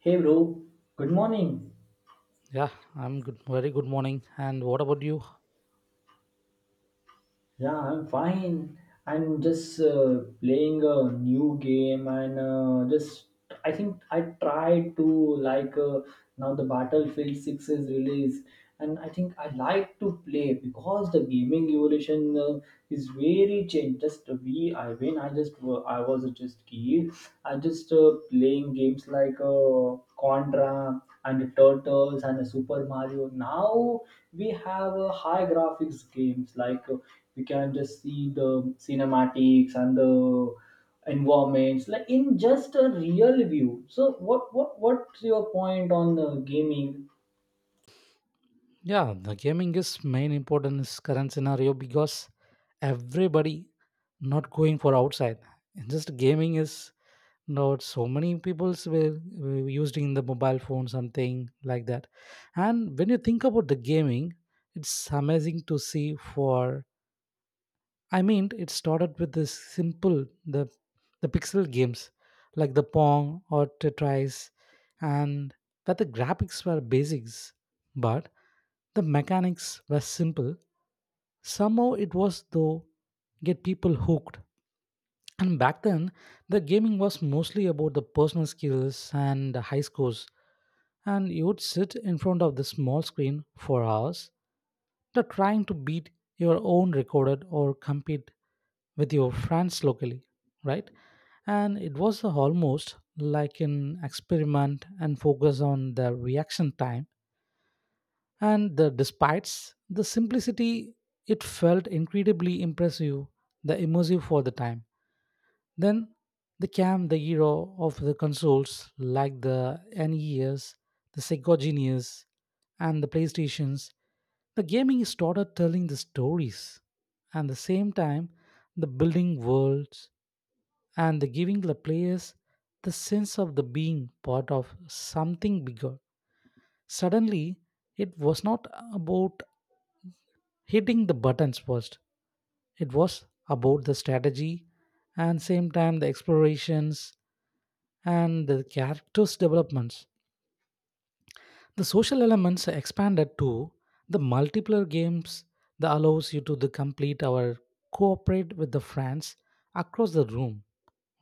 Hey bro, good morning. Yeah, I'm good. Very good morning. And what about you? Yeah, I'm fine. I'm just playing a new game and just I think I tried to like now the Battlefield 6 is released, and I think I like to play because the gaming evolution is very changed. Just we I mean I just I was just kid. I just playing games like Contra and Turtles and the Super Mario. Now we have high graphics games like we can just see the cinematics and the environments like in just a real view. So what's your point on the gaming? Yeah, the gaming is main important is current scenario because everybody not going for outside. Just gaming is not so many people's were used in the mobile phone something like that, and when you think about the gaming it's amazing to see for I mean it started with this simple the pixel games like the pong or tetris, and that the graphics were basics, but the mechanics were simple, somehow it was though get people hooked. And back then, the gaming was mostly about the personal skills and the high scores. And you would sit in front of the small screen for hours, the trying to beat your own recorded or compete with your friends locally, right? And it was almost like an experiment and focus on the reaction time and the despite the simplicity it felt incredibly impressive the immersive for the time. Then they came the era of the consoles like the nes, the sega genius, and the playstations. The gaming started telling the stories and the same time the building worlds and the giving the players the sense of the being part of something bigger. Suddenly, it was not about hitting the buttons first, it was about the strategy and same time the explorations and the characters' developments. The social elements expanded to the multiplayer games that allows you to the complete our cooperate with the friends across the room,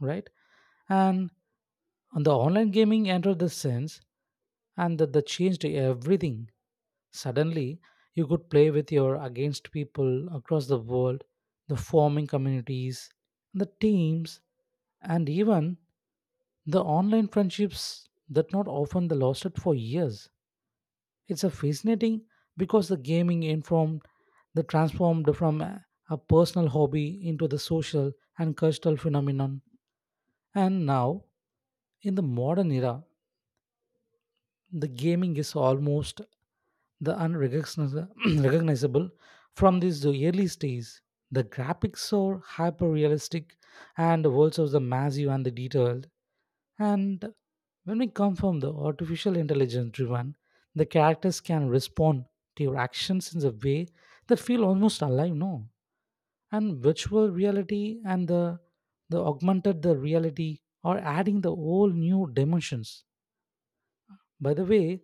right? And on the online gaming entered the sense and that changed everything. Suddenly, you could play with your against people across the world, the forming communities, the teams, and even the online friendships that not often they lost it for years. It's a fascinating because the gaming informed the transformed from a personal hobby into the social and cultural phenomenon. And now, in the modern era, the gaming is almost the unrecognizable recognizable from these early stages. The graphics are hyper realistic and the worlds are the massive and the detailed. And when we come from the artificial intelligence driven, the characters can respond to your actions in a way that feel almost alive, no? And virtual reality and the augmented the reality are adding the whole new dimensions. By the way,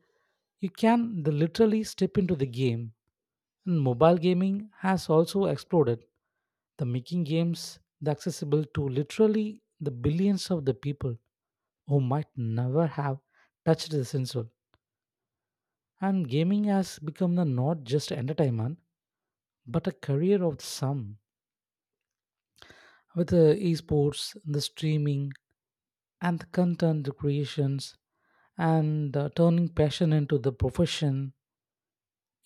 you can the literally step into the game, and mobile gaming has also exploded, the making games the accessible to literally the billions of the people who might never have touched the sensor. And gaming has become the not just entertainment, but a career of some. With the esports, the streaming, and the content creations, and turning passion into the profession,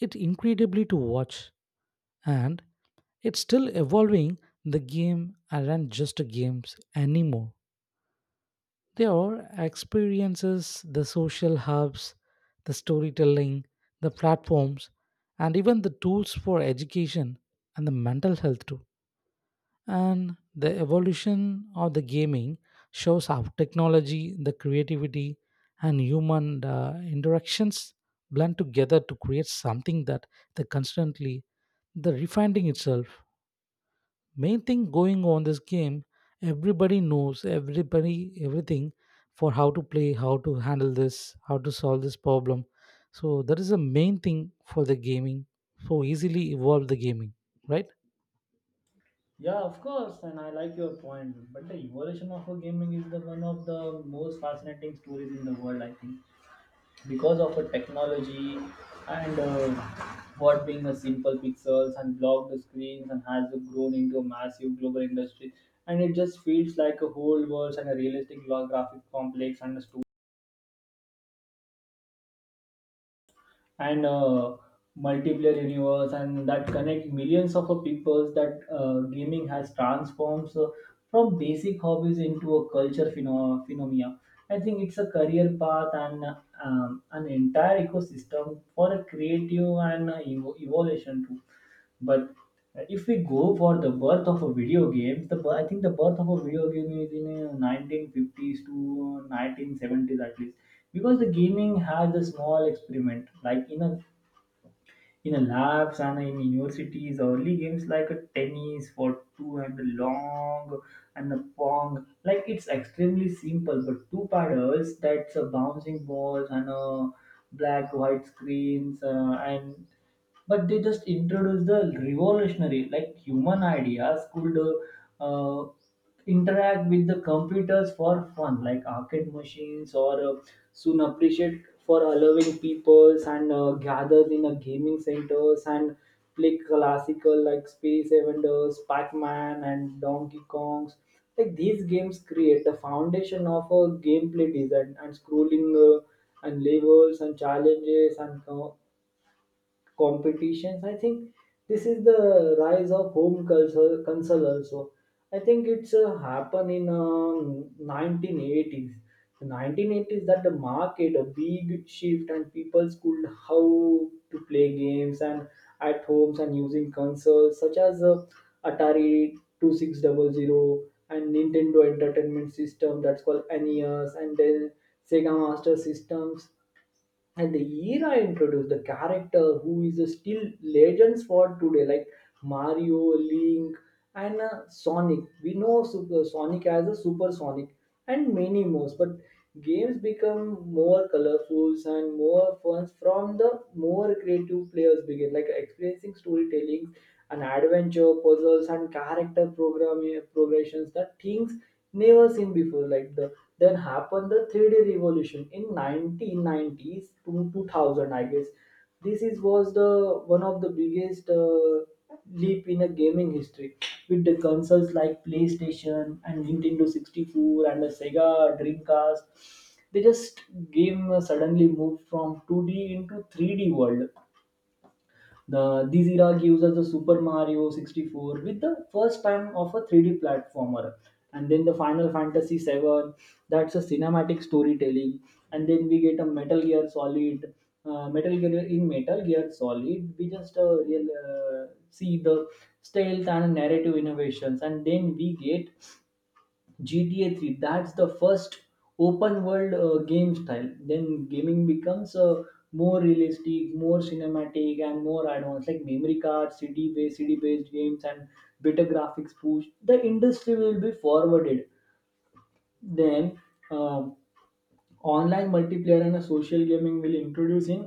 it's incredibly to watch. And it's still evolving, the game aren't just games anymore, they are experiences, the social hubs, the storytelling, the platforms, and even the tools for education and the mental health too. And the evolution of the gaming shows how technology, the creativity, and human interactions blend together to create something that they constantly the refining itself. Main thing going on this game, everybody knows everybody everything for how to play, how to handle this, how to solve this problem. So that is the main thing for the gaming, so easily evolve the gaming, right? Yeah, of course, and I like your point. But the evolution of a gaming is the one of the most fascinating stories in the world, I think, because of a technology, and what being a simple pixels and blocked screens and has grown into a massive global industry, and it just feels like a whole world and a realistic graphic complex and a stu- and multiplayer universe and that connect millions of people, that gaming has transformed from basic hobbies into a culture phenomena. I think it's a career path, and an entire ecosystem for a creative and evolution too. But if we go for the birth of a video game, the I think the birth of a video game is in 1950s to 1970s at least, because the gaming has a small experiment like in a labs and in universities. Early games like a tennis for two and a long and a pong, like it's extremely simple, but two paddles that's a bouncing balls and a black white screens and but they just introduced the revolutionary like human ideas could uh, interact with the computers for fun like arcade machines or soon appreciate for allowing peoples and gathered in a gaming centers and play classical like space Invaders, pac-man and donkey kongs. Like these games create a foundation of a gameplay design and scrolling and levels and challenges and competitions, I think. This is the rise of home culture console also. I think it's happened in 1980s, the 1980s that the market a big shift and people could how to play games and at homes and using consoles such as atari two six double zero and nintendo entertainment system that's called nes, and then sega master systems, and the era introduced the character who is still legends for today like mario link and sonic. We know super sonic as a super sonic, and many more, but games become more colorful and more fun from the more creative players begin like experiencing storytelling and adventure puzzles and character programming progressions, that things never seen before like the then happened the 3d revolution in 1990s to 2000, I guess. This is was the one of the biggest leap in a gaming history, with the consoles like playstation and nintendo 64 and the sega dreamcast. They just game suddenly moved from 2d into 3d world. The this era gives us the Super Mario 64, with the first time of a 3D platformer, and then the Final Fantasy 7, that's a cinematic storytelling, and then we get a Metal Gear Solid. Metal Gear in Metal Gear Solid, we just real see the stealth and narrative innovations, and then we get GTA 3, that's the first open world game style. Then gaming becomes more realistic, more cinematic, and more advanced, like memory cards, CD based games, and better graphics push. The industry will be forwarded. Then, um online multiplayer and a social gaming will introduce in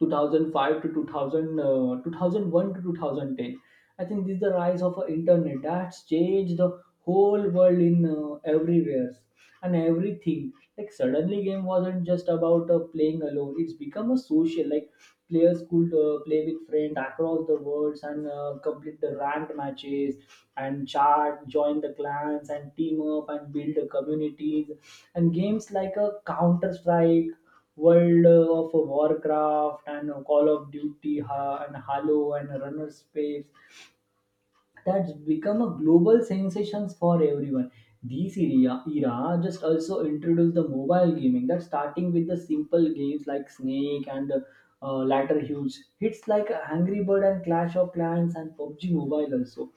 2005 to 2000, 2001 to 2010. I think this is the rise of internet that's changed the whole world in everywhere and everything. Like suddenly, game wasn't just about playing alone. It's become a social. Like players could play with friends across the worlds and complete the ranked matches and chat, join the clans and team up and build the communities. And games like a Counter Strike, World of Warcraft and Call of Duty and Halo and Runner Space, that's become a global sensations for everyone. These era just also introduced the mobile gaming, that's starting with the simple games like Snake and latter huge hits like Angry Bird and Clash of Clans and PUBG Mobile also,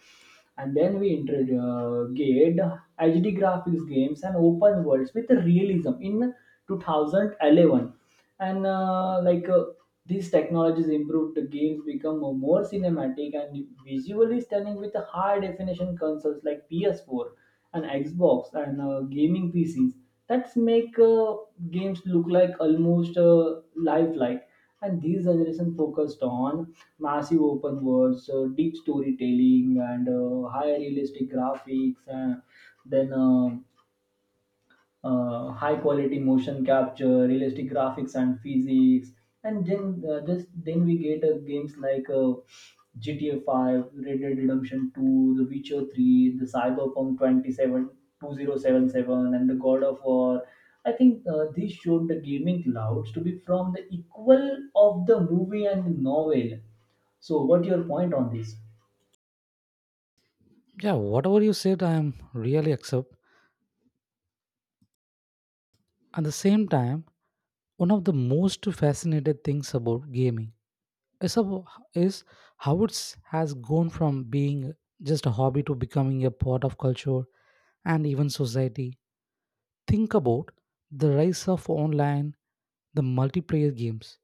and then we integrated HD graphics games and open worlds with realism in 2011. And these technologies improved, the games become more cinematic and visually stunning with high definition consoles like PS4 and Xbox and gaming PCs. That's make games look like almost lifelike, and these generation focused on massive open worlds, deep storytelling, and high realistic graphics. And then high quality motion capture, realistic graphics and physics, and then just then we get games like GTA 5, Red Dead Redemption 2, The Witcher 3, the Cyberpunk twenty-seven twenty seven two zero seven seven, and the God of War. I think these showed the gaming clouds to be from the equal of the movie and the novel. So, what your point on this? Yeah, whatever you said I am really accept. At the same time, one of the most fascinated things about gaming is, about, is how it has gone from being just a hobby to becoming a part of culture and even society. Think about the rise of online, the multiplayer games.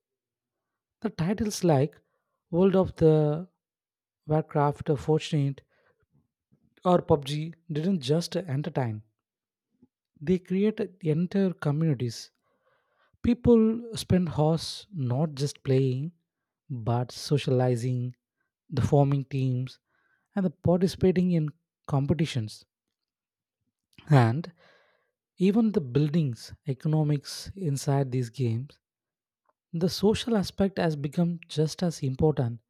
The titles like World of the Warcraft, Fortnite, or PUBG didn't just entertain. They created entire communities. People spend hours not just playing, but socializing, the forming teams, and the participating in competitions and even the buildings economics inside these games. The social aspect has become just as important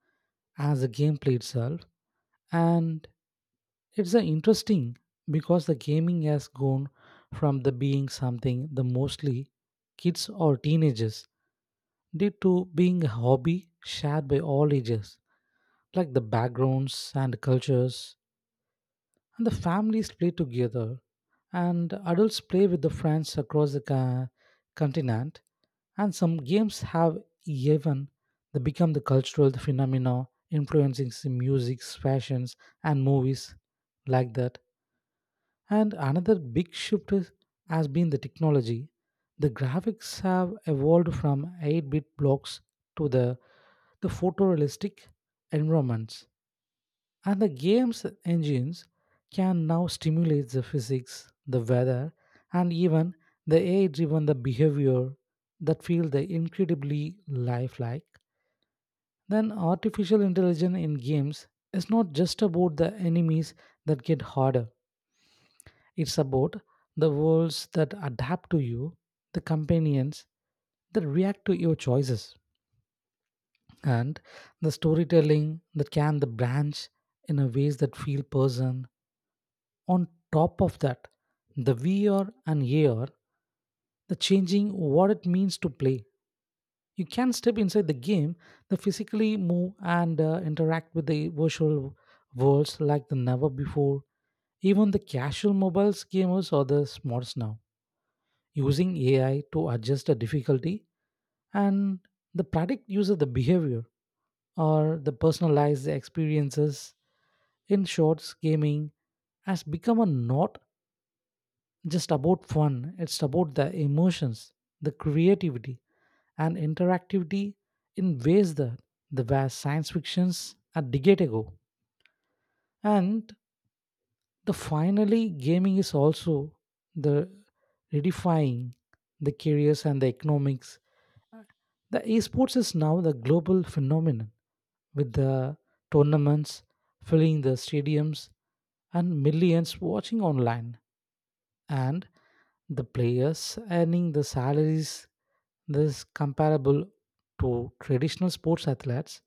as the gameplay itself, and it's interesting because the gaming has gone from the being something the mostly kids or teenagers did to being a hobby shared by all ages, like the backgrounds and cultures and the families play together and adults play with the friends across the continent, and some games have even they become the cultural phenomena influencing music fashions and movies like that. And another big shift has been the technology, the graphics have evolved from 8-bit blocks to the photorealistic environments, and the game's engines can now stimulate the physics, the weather, and even the AI driven the behavior that feel the incredibly lifelike. Then artificial intelligence in games is not just about the enemies that get harder. It's about the worlds that adapt to you, the companions that react to your choices, and the storytelling that can the branch in a ways that feel person. On top of that, the VR and AR, the changing what it means to play. You can step inside the game, the physically move and interact with the virtual worlds like the never before. Even the casual mobiles gamers are the smarts now, using AI to adjust the difficulty and the predict user the behavior or the personalized experiences. In shorts, gaming has become a not just about fun, it's about the emotions, the creativity, and interactivity in ways that the vast science fictions a decade ago. And the finally, gaming is also the redefying the careers and the economics. The esports is now the global phenomenon with the tournaments filling the stadiums and millions watching online. And the players earning the salaries this comparable to traditional sports athletes,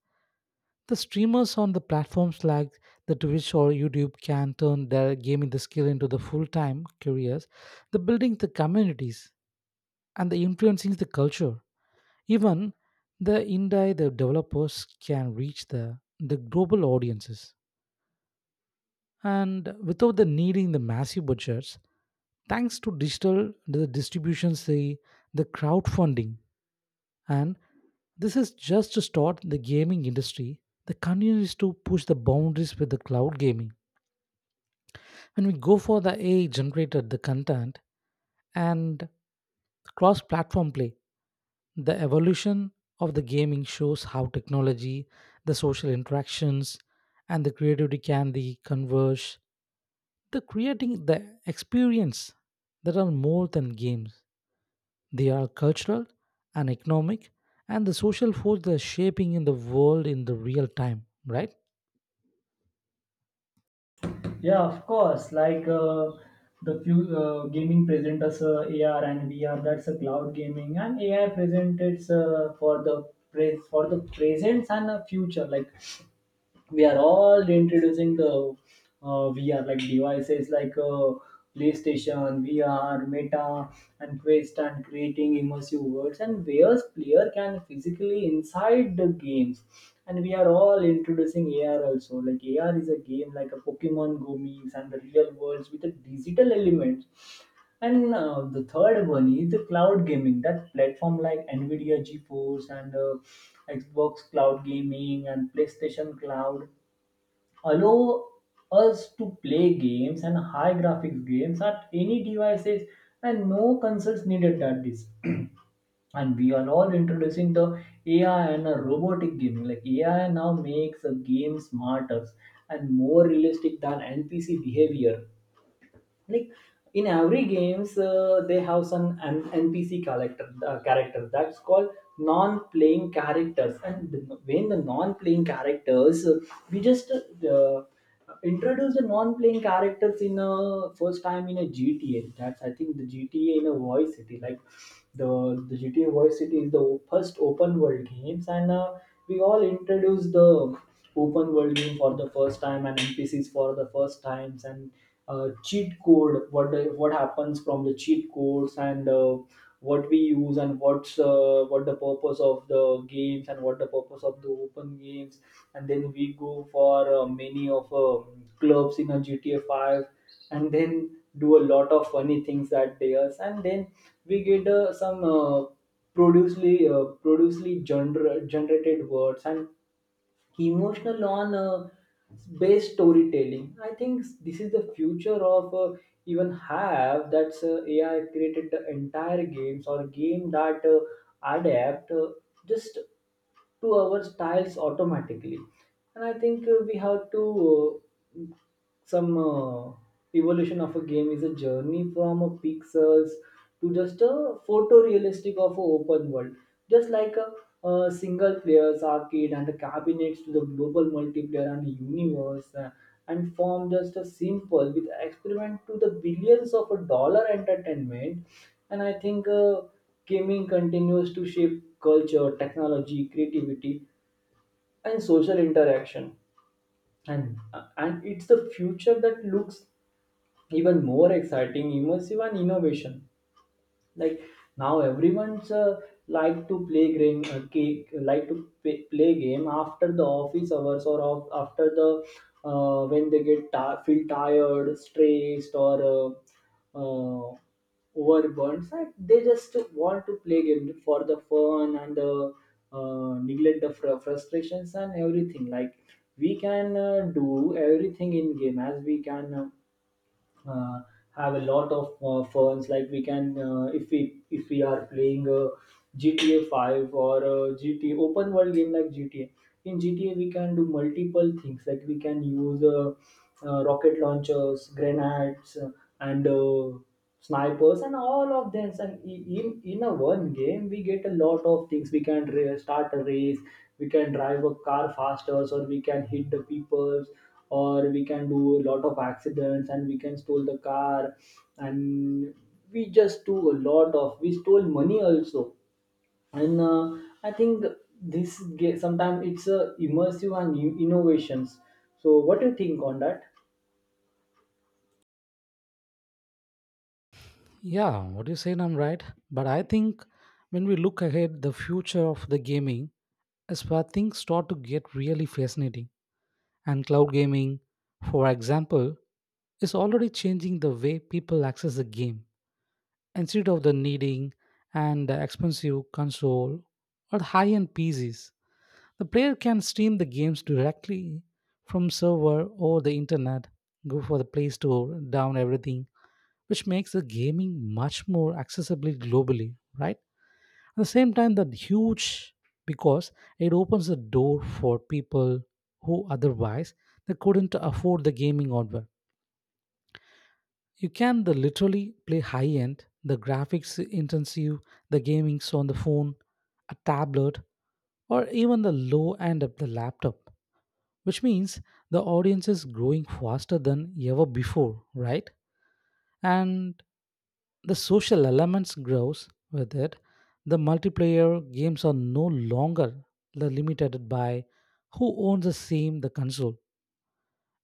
the streamers on the platforms like the twitch or youtube can turn their gaming the skill into the full-time careers, the building the communities and the influencing the culture, even the indie the developers can reach the global audiences and without the needing the massive budgets thanks to digital the distribution say the crowdfunding. And this is just to start, the gaming industry the continues to push the boundaries with the cloud gaming, when we go for the ai generated the content and cross platform play. The evolution of the gaming shows how technology, the social interactions, and the creativity can the converge the creating the experience that are more than games, they are cultural and economic and the social force that shaping in the world in the real time, right? Yeah, of course. Like the few gaming present us AR and VR. That's a cloud gaming, and AI presented for the pres for the presents and the future. Like we are all introducing the VR like devices like PlayStation, VR, Meta, and Quest, and creating immersive worlds and where player can physically inside the games. And we are all introducing AR also. Like AR is a game like a Pokemon Go memes and the real worlds with a digital elements. And the third one is the cloud gaming. That platform like Nvidia GeForce and Xbox Cloud Gaming and PlayStation Cloud allow us to play games and high graphics games at any devices, and no consoles needed at this. And we are all introducing the ai and a robotic gaming. Like ai now makes a game smarter and more realistic than npc behavior. Like in every games they have some npc character that's called non-playing characters, and when the non-playing characters we just introduce the non-playing characters in a first time in a gta. That's I think the gta in a voice city. Like the the gta voice city is the first open world games, and we all introduce the open world game for the first time and npcs for the first times, and cheat code, what happens from the cheat codes, and what we use and what the purpose of the games and what the purpose of the open games. And then we go for many of clubs in a gta 5, and then do a lot of funny things that they us, and then we get some producely producely gener- generated words and emotional on based storytelling. I think this is the future of even have that's ai created the entire games or game that adapt just to our styles automatically. And I think we have to some evolution of a game is a journey from a pixels to just a photorealistic of a open world, just like a single players arcade and the cabinets to the global multiplayer and universe and from just a simple with experiment to the billions of a dollar entertainment. And I think gaming continues to shape culture, technology, creativity and social interaction, and it's the future that looks even more exciting, immersive and innovation. Like now everyone's like to play game like to play game after the office hours or after the when they get ti feel tired, stressed, or uh, overburnt, so they just want to play game for the fun and the neglect the frustrations and everything. Like we can do everything in game, as we can uh, have a lot of funs. Like we can if we are playing a gta 5 or a gta open world game, like gta, in gta we can do multiple things. Like we can use rocket launchers, grenades, and snipers and all of this, and in a one game we get a lot of things. We can start a race, we can drive a car faster, or we can hit the peoples, or we can do a lot of accidents, and we can steal the car, and we just do a lot of, we stole money also. And I think this game sometimes it's a immersive and innovations. So what Do you think on that? Yeah, what you saying I'm right. But I think when we look ahead the future of the gaming is where things start to get really fascinating. And cloud gaming, for example, is already changing the way people access the game. Instead of the needing and expensive console or high-end pcs, the player can stream the games directly from server or the internet, go for the Play Store, down everything, which makes the gaming much more accessible globally, right? At the same time, that huge because it opens the door for people who otherwise they couldn't afford the gaming hardware. You can the literally play high end, the graphics intensive, the gaming's on the phone, a tablet, or even the low end of the laptop, which means the audience is growing faster than ever before, right? And the social elements grows with it, the multiplayer games are no longer the limited by who owns the same the console,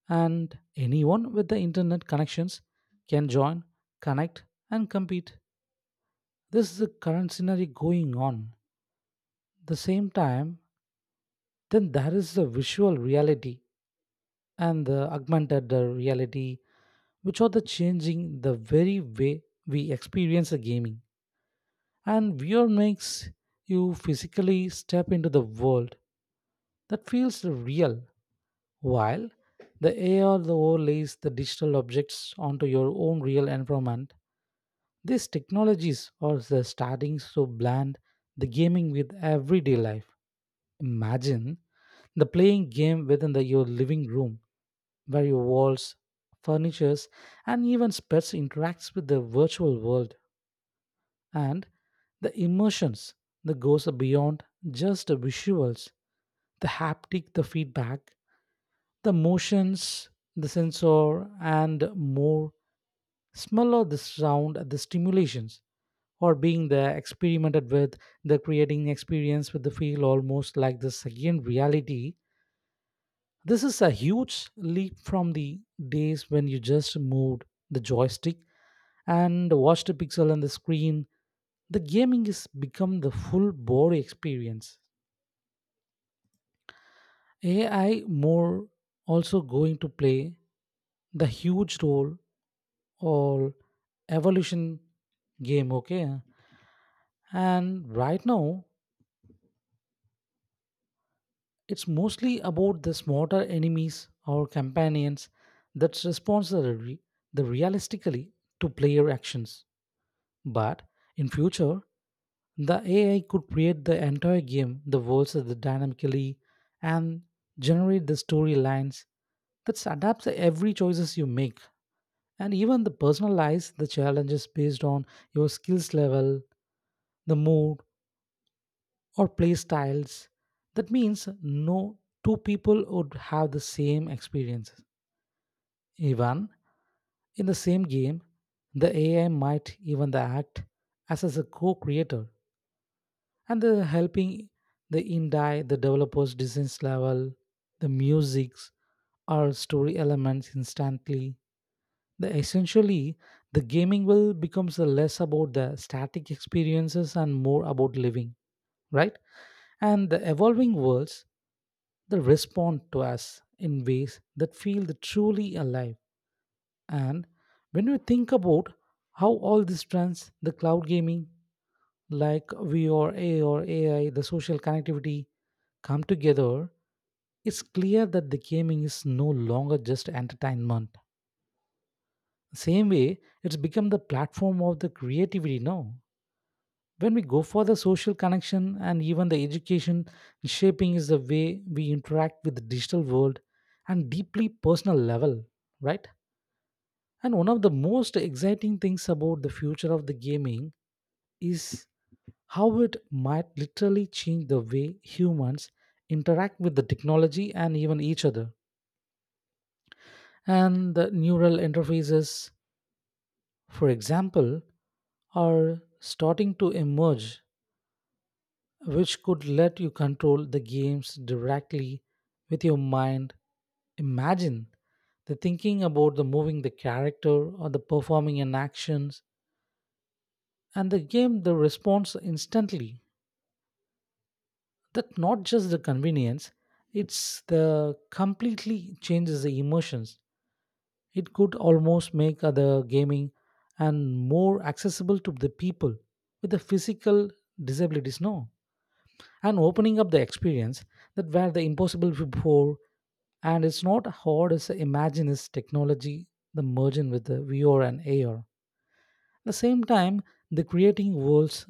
and anyone with the internet connections can join, connect, and compete. This is the current scenario going on. The same time, then there is the visual reality and the augmented reality, which are the changing the very way we experience the gaming. And VR makes you physically step into the world that feels real, while the AR the overlays the digital objects onto your own real environment. These technologies are the starting to blend the gaming with everyday life. Imagine the playing game within your living room, where your walls, furnitures, and even pets interacts with the virtual world, and the emotions that goes beyond just the visuals, the haptic, the feedback, the motions, the sensor, and more. Smell or the sound, the stimulations or being there experimented with the creating experience with the feel almost like the second reality. This is a huge leap from the days when you just moved the joystick and watched a pixel on the screen. The gaming has become the full body experience. AI more also going to play the huge role or evolution game, okay? And right now it's mostly about the smarter enemies or companions that responds the realistically to player actions. But in future, the AI could create the entire game, the worlds that the dynamically, and generate the storylines that adapts to every choices you make and even the personalize the challenges based on your skills level, the mood, or play styles. That means no two people would have the same experiences. Even in the same game, the AI might even the act as a co-creator and the helping the indie, the developer's design level, the musics or story elements instantly. The essentially the gaming will becomes the less about the static experiences and more about living, right? And the evolving worlds, they respond to us in ways that feel the truly alive. And when we think about how all these trends, the cloud gaming, like VR, AR, AI, the social connectivity, come together, it's clear that the gaming is no longer just entertainment. Same way, it's become the platform of the creativity now. When we go for the social connection and even the education shaping is the way we interact with the digital world and deeply personal level, right? And one of the most exciting things about the future of the gaming is how it might literally change the way humans interact with the technology and even each other. And the neural interfaces, for example, are starting to emerge, which could let you control the games directly with your mind. Imagine the thinking about the moving the character or the performing an actions and the game the response instantly. That not just the convenience, it's the completely changes the emotions. It could almost make other gaming and more accessible to the people with the physical disabilities, no? And opening up the experience that were the impossible before. And it's not hard as imagine is technology the merging with the VR and AR. At the same time, the creating worlds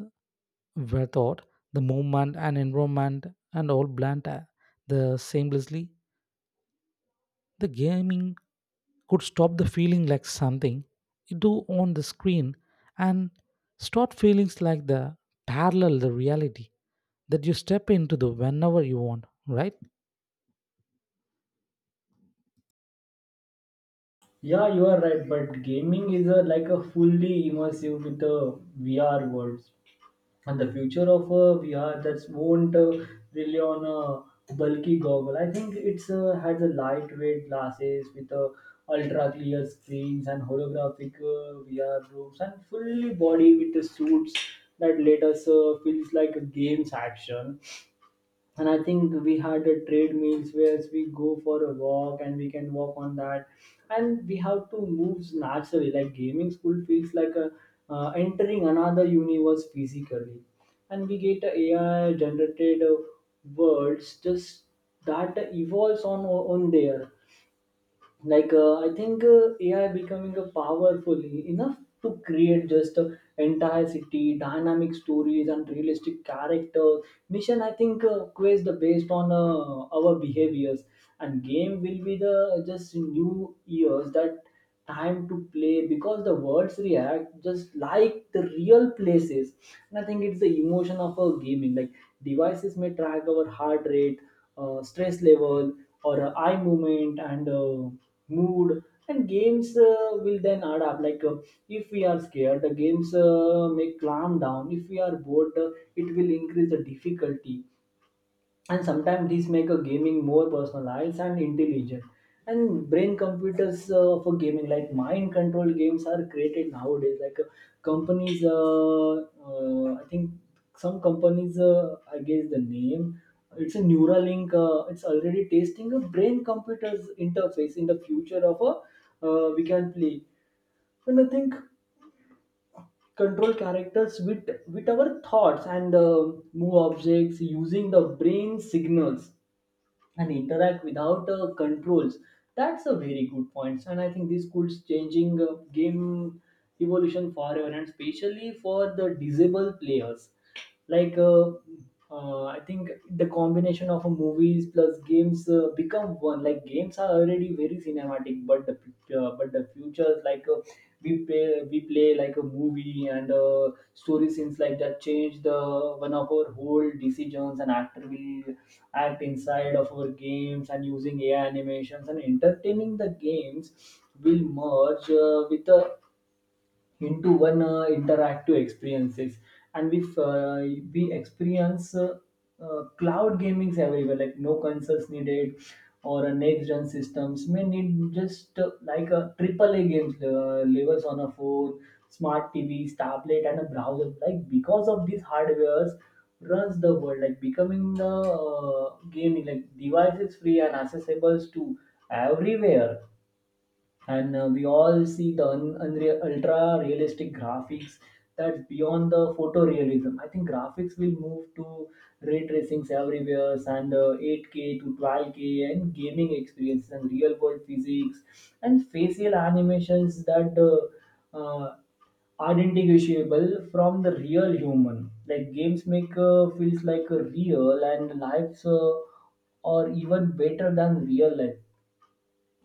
were thought, the movement and environment and all blend the seamlessly. The gaming could stop the feeling like something you do on the screen and start feelings like the parallel the reality that you step into the whenever you want, right? Yeah, you are right. But gaming is a, like a fully immersive with the VR worlds, and the future of a VR that won't rely on a bulky goggle. I think it's has a lightweight glasses with a ultra clear screens and holographic VR rooms and fully body with the suits that let us feels like a game's action. And I think we had a trade meals where we go for a walk and we can walk on that, and we have to move naturally like gaming school feels like a, entering another universe physically. And we get a AI generated worlds just that evolves on there like I think AI becoming a powerful enough to create just a entire city, dynamic stories and realistic characters, mission. I think quiz the based on our behaviors, and game will be the just new years that time to play because the words react just like the real places. And I think it's the emotion of a gaming like devices may track our heart rate, stress level, or eye movement and mood. And games will then adapt like, if we are scared the games may calm down, if we are bored it will increase the difficulty. And sometimes these make a gaming more personalized and intelligent. And brain computers for gaming like mind control games are created nowadays like, companies I think some companies, I guess the name, it's a Neuralink. Uh, it's already testing a brain computers interface in the future of a, we can play and I think control characters with our thoughts, and move objects using the brain signals, and interact without controls. That's a very good point. And I think this could changing game evolution forever, and especially for the disabled players, like I think the combination of movies plus games become one. Like games are already very cinematic, but the but the future is like, we play like a movie, and story scenes like that change the one of our whole decisions, and actor will act inside of our games, and using AI animations and entertaining the games will merge with the into one interactive experiences. And we experience cloud gamings everywhere, like no consoles needed or a next gen systems may need just, like a triple a games levels on a phone, smart tvs, tablet and a browser, like because of these hardwares runs the world, like becoming the gaming like devices free and accessible to everywhere. And we all see the unreal, ultra realistic graphics that's beyond the photorealism. I think graphics will move to ray tracings everywhere, and 8k to 12k and gaming experiences and real world physics and facial animations that are indistinguishable from the real human, like games make feels like a real and lives, or even better than real life.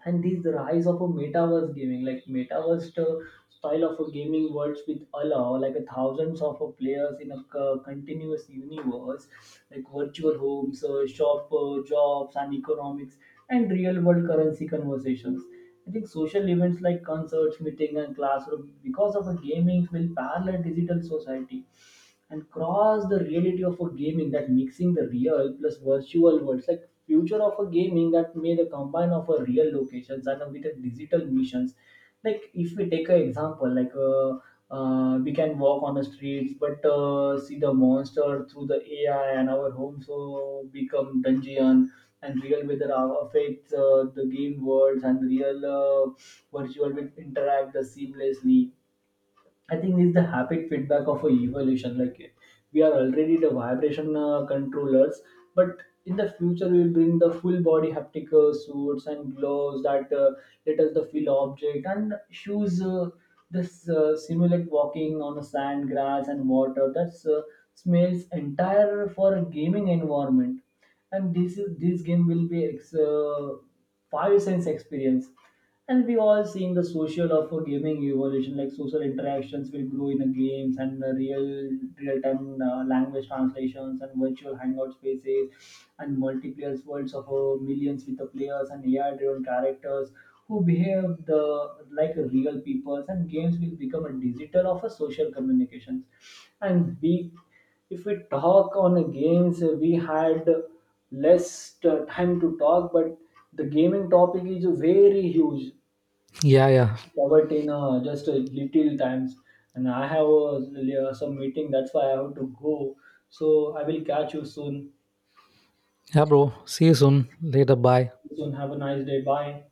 And this rise of a metaverse gaming, like metaverse style of a gaming worlds with allow like a thousands of players in a continuous universe, like virtual homes, shop, jobs and economics and real world currency conversations. I think social events like concerts, meeting and classroom because of a gaming will parallel digital society. And cross the reality of a gaming that mixing the real plus virtual worlds, like future of a gaming that made a combine of a real locations and with a digital missions, like if we take an example like we can walk on the streets but see the monster through the AI, and our homes so become dungeon, and real weather affects the game worlds, and real virtual will interact the seamlessly. I think this is the habit feedback of a evolution. Like we are already the vibration controllers, but in the future we will bring the full body haptic suits and gloves that let us the feel object and shoes. This simulate walking on the sand, grass, and water. That's smells entire for a gaming environment, and this is this game will be five sense experience. And we all seeing the social of a gaming evolution, like social interactions will grow in the games and the real time language translations and virtual hangout spaces and multiplayer worlds of millions with the players and AI driven characters who behave the like real people, and games will become a digital of a social communications. And we, if we talk on the games, we had less time to talk, but the gaming topic is very huge, Yeah, yeah. covered in just a little times. And I have some meeting, that's why I have to go. So I will catch you soon. Yeah, bro. See you soon. Later. Bye. Soon, have a nice day. Bye.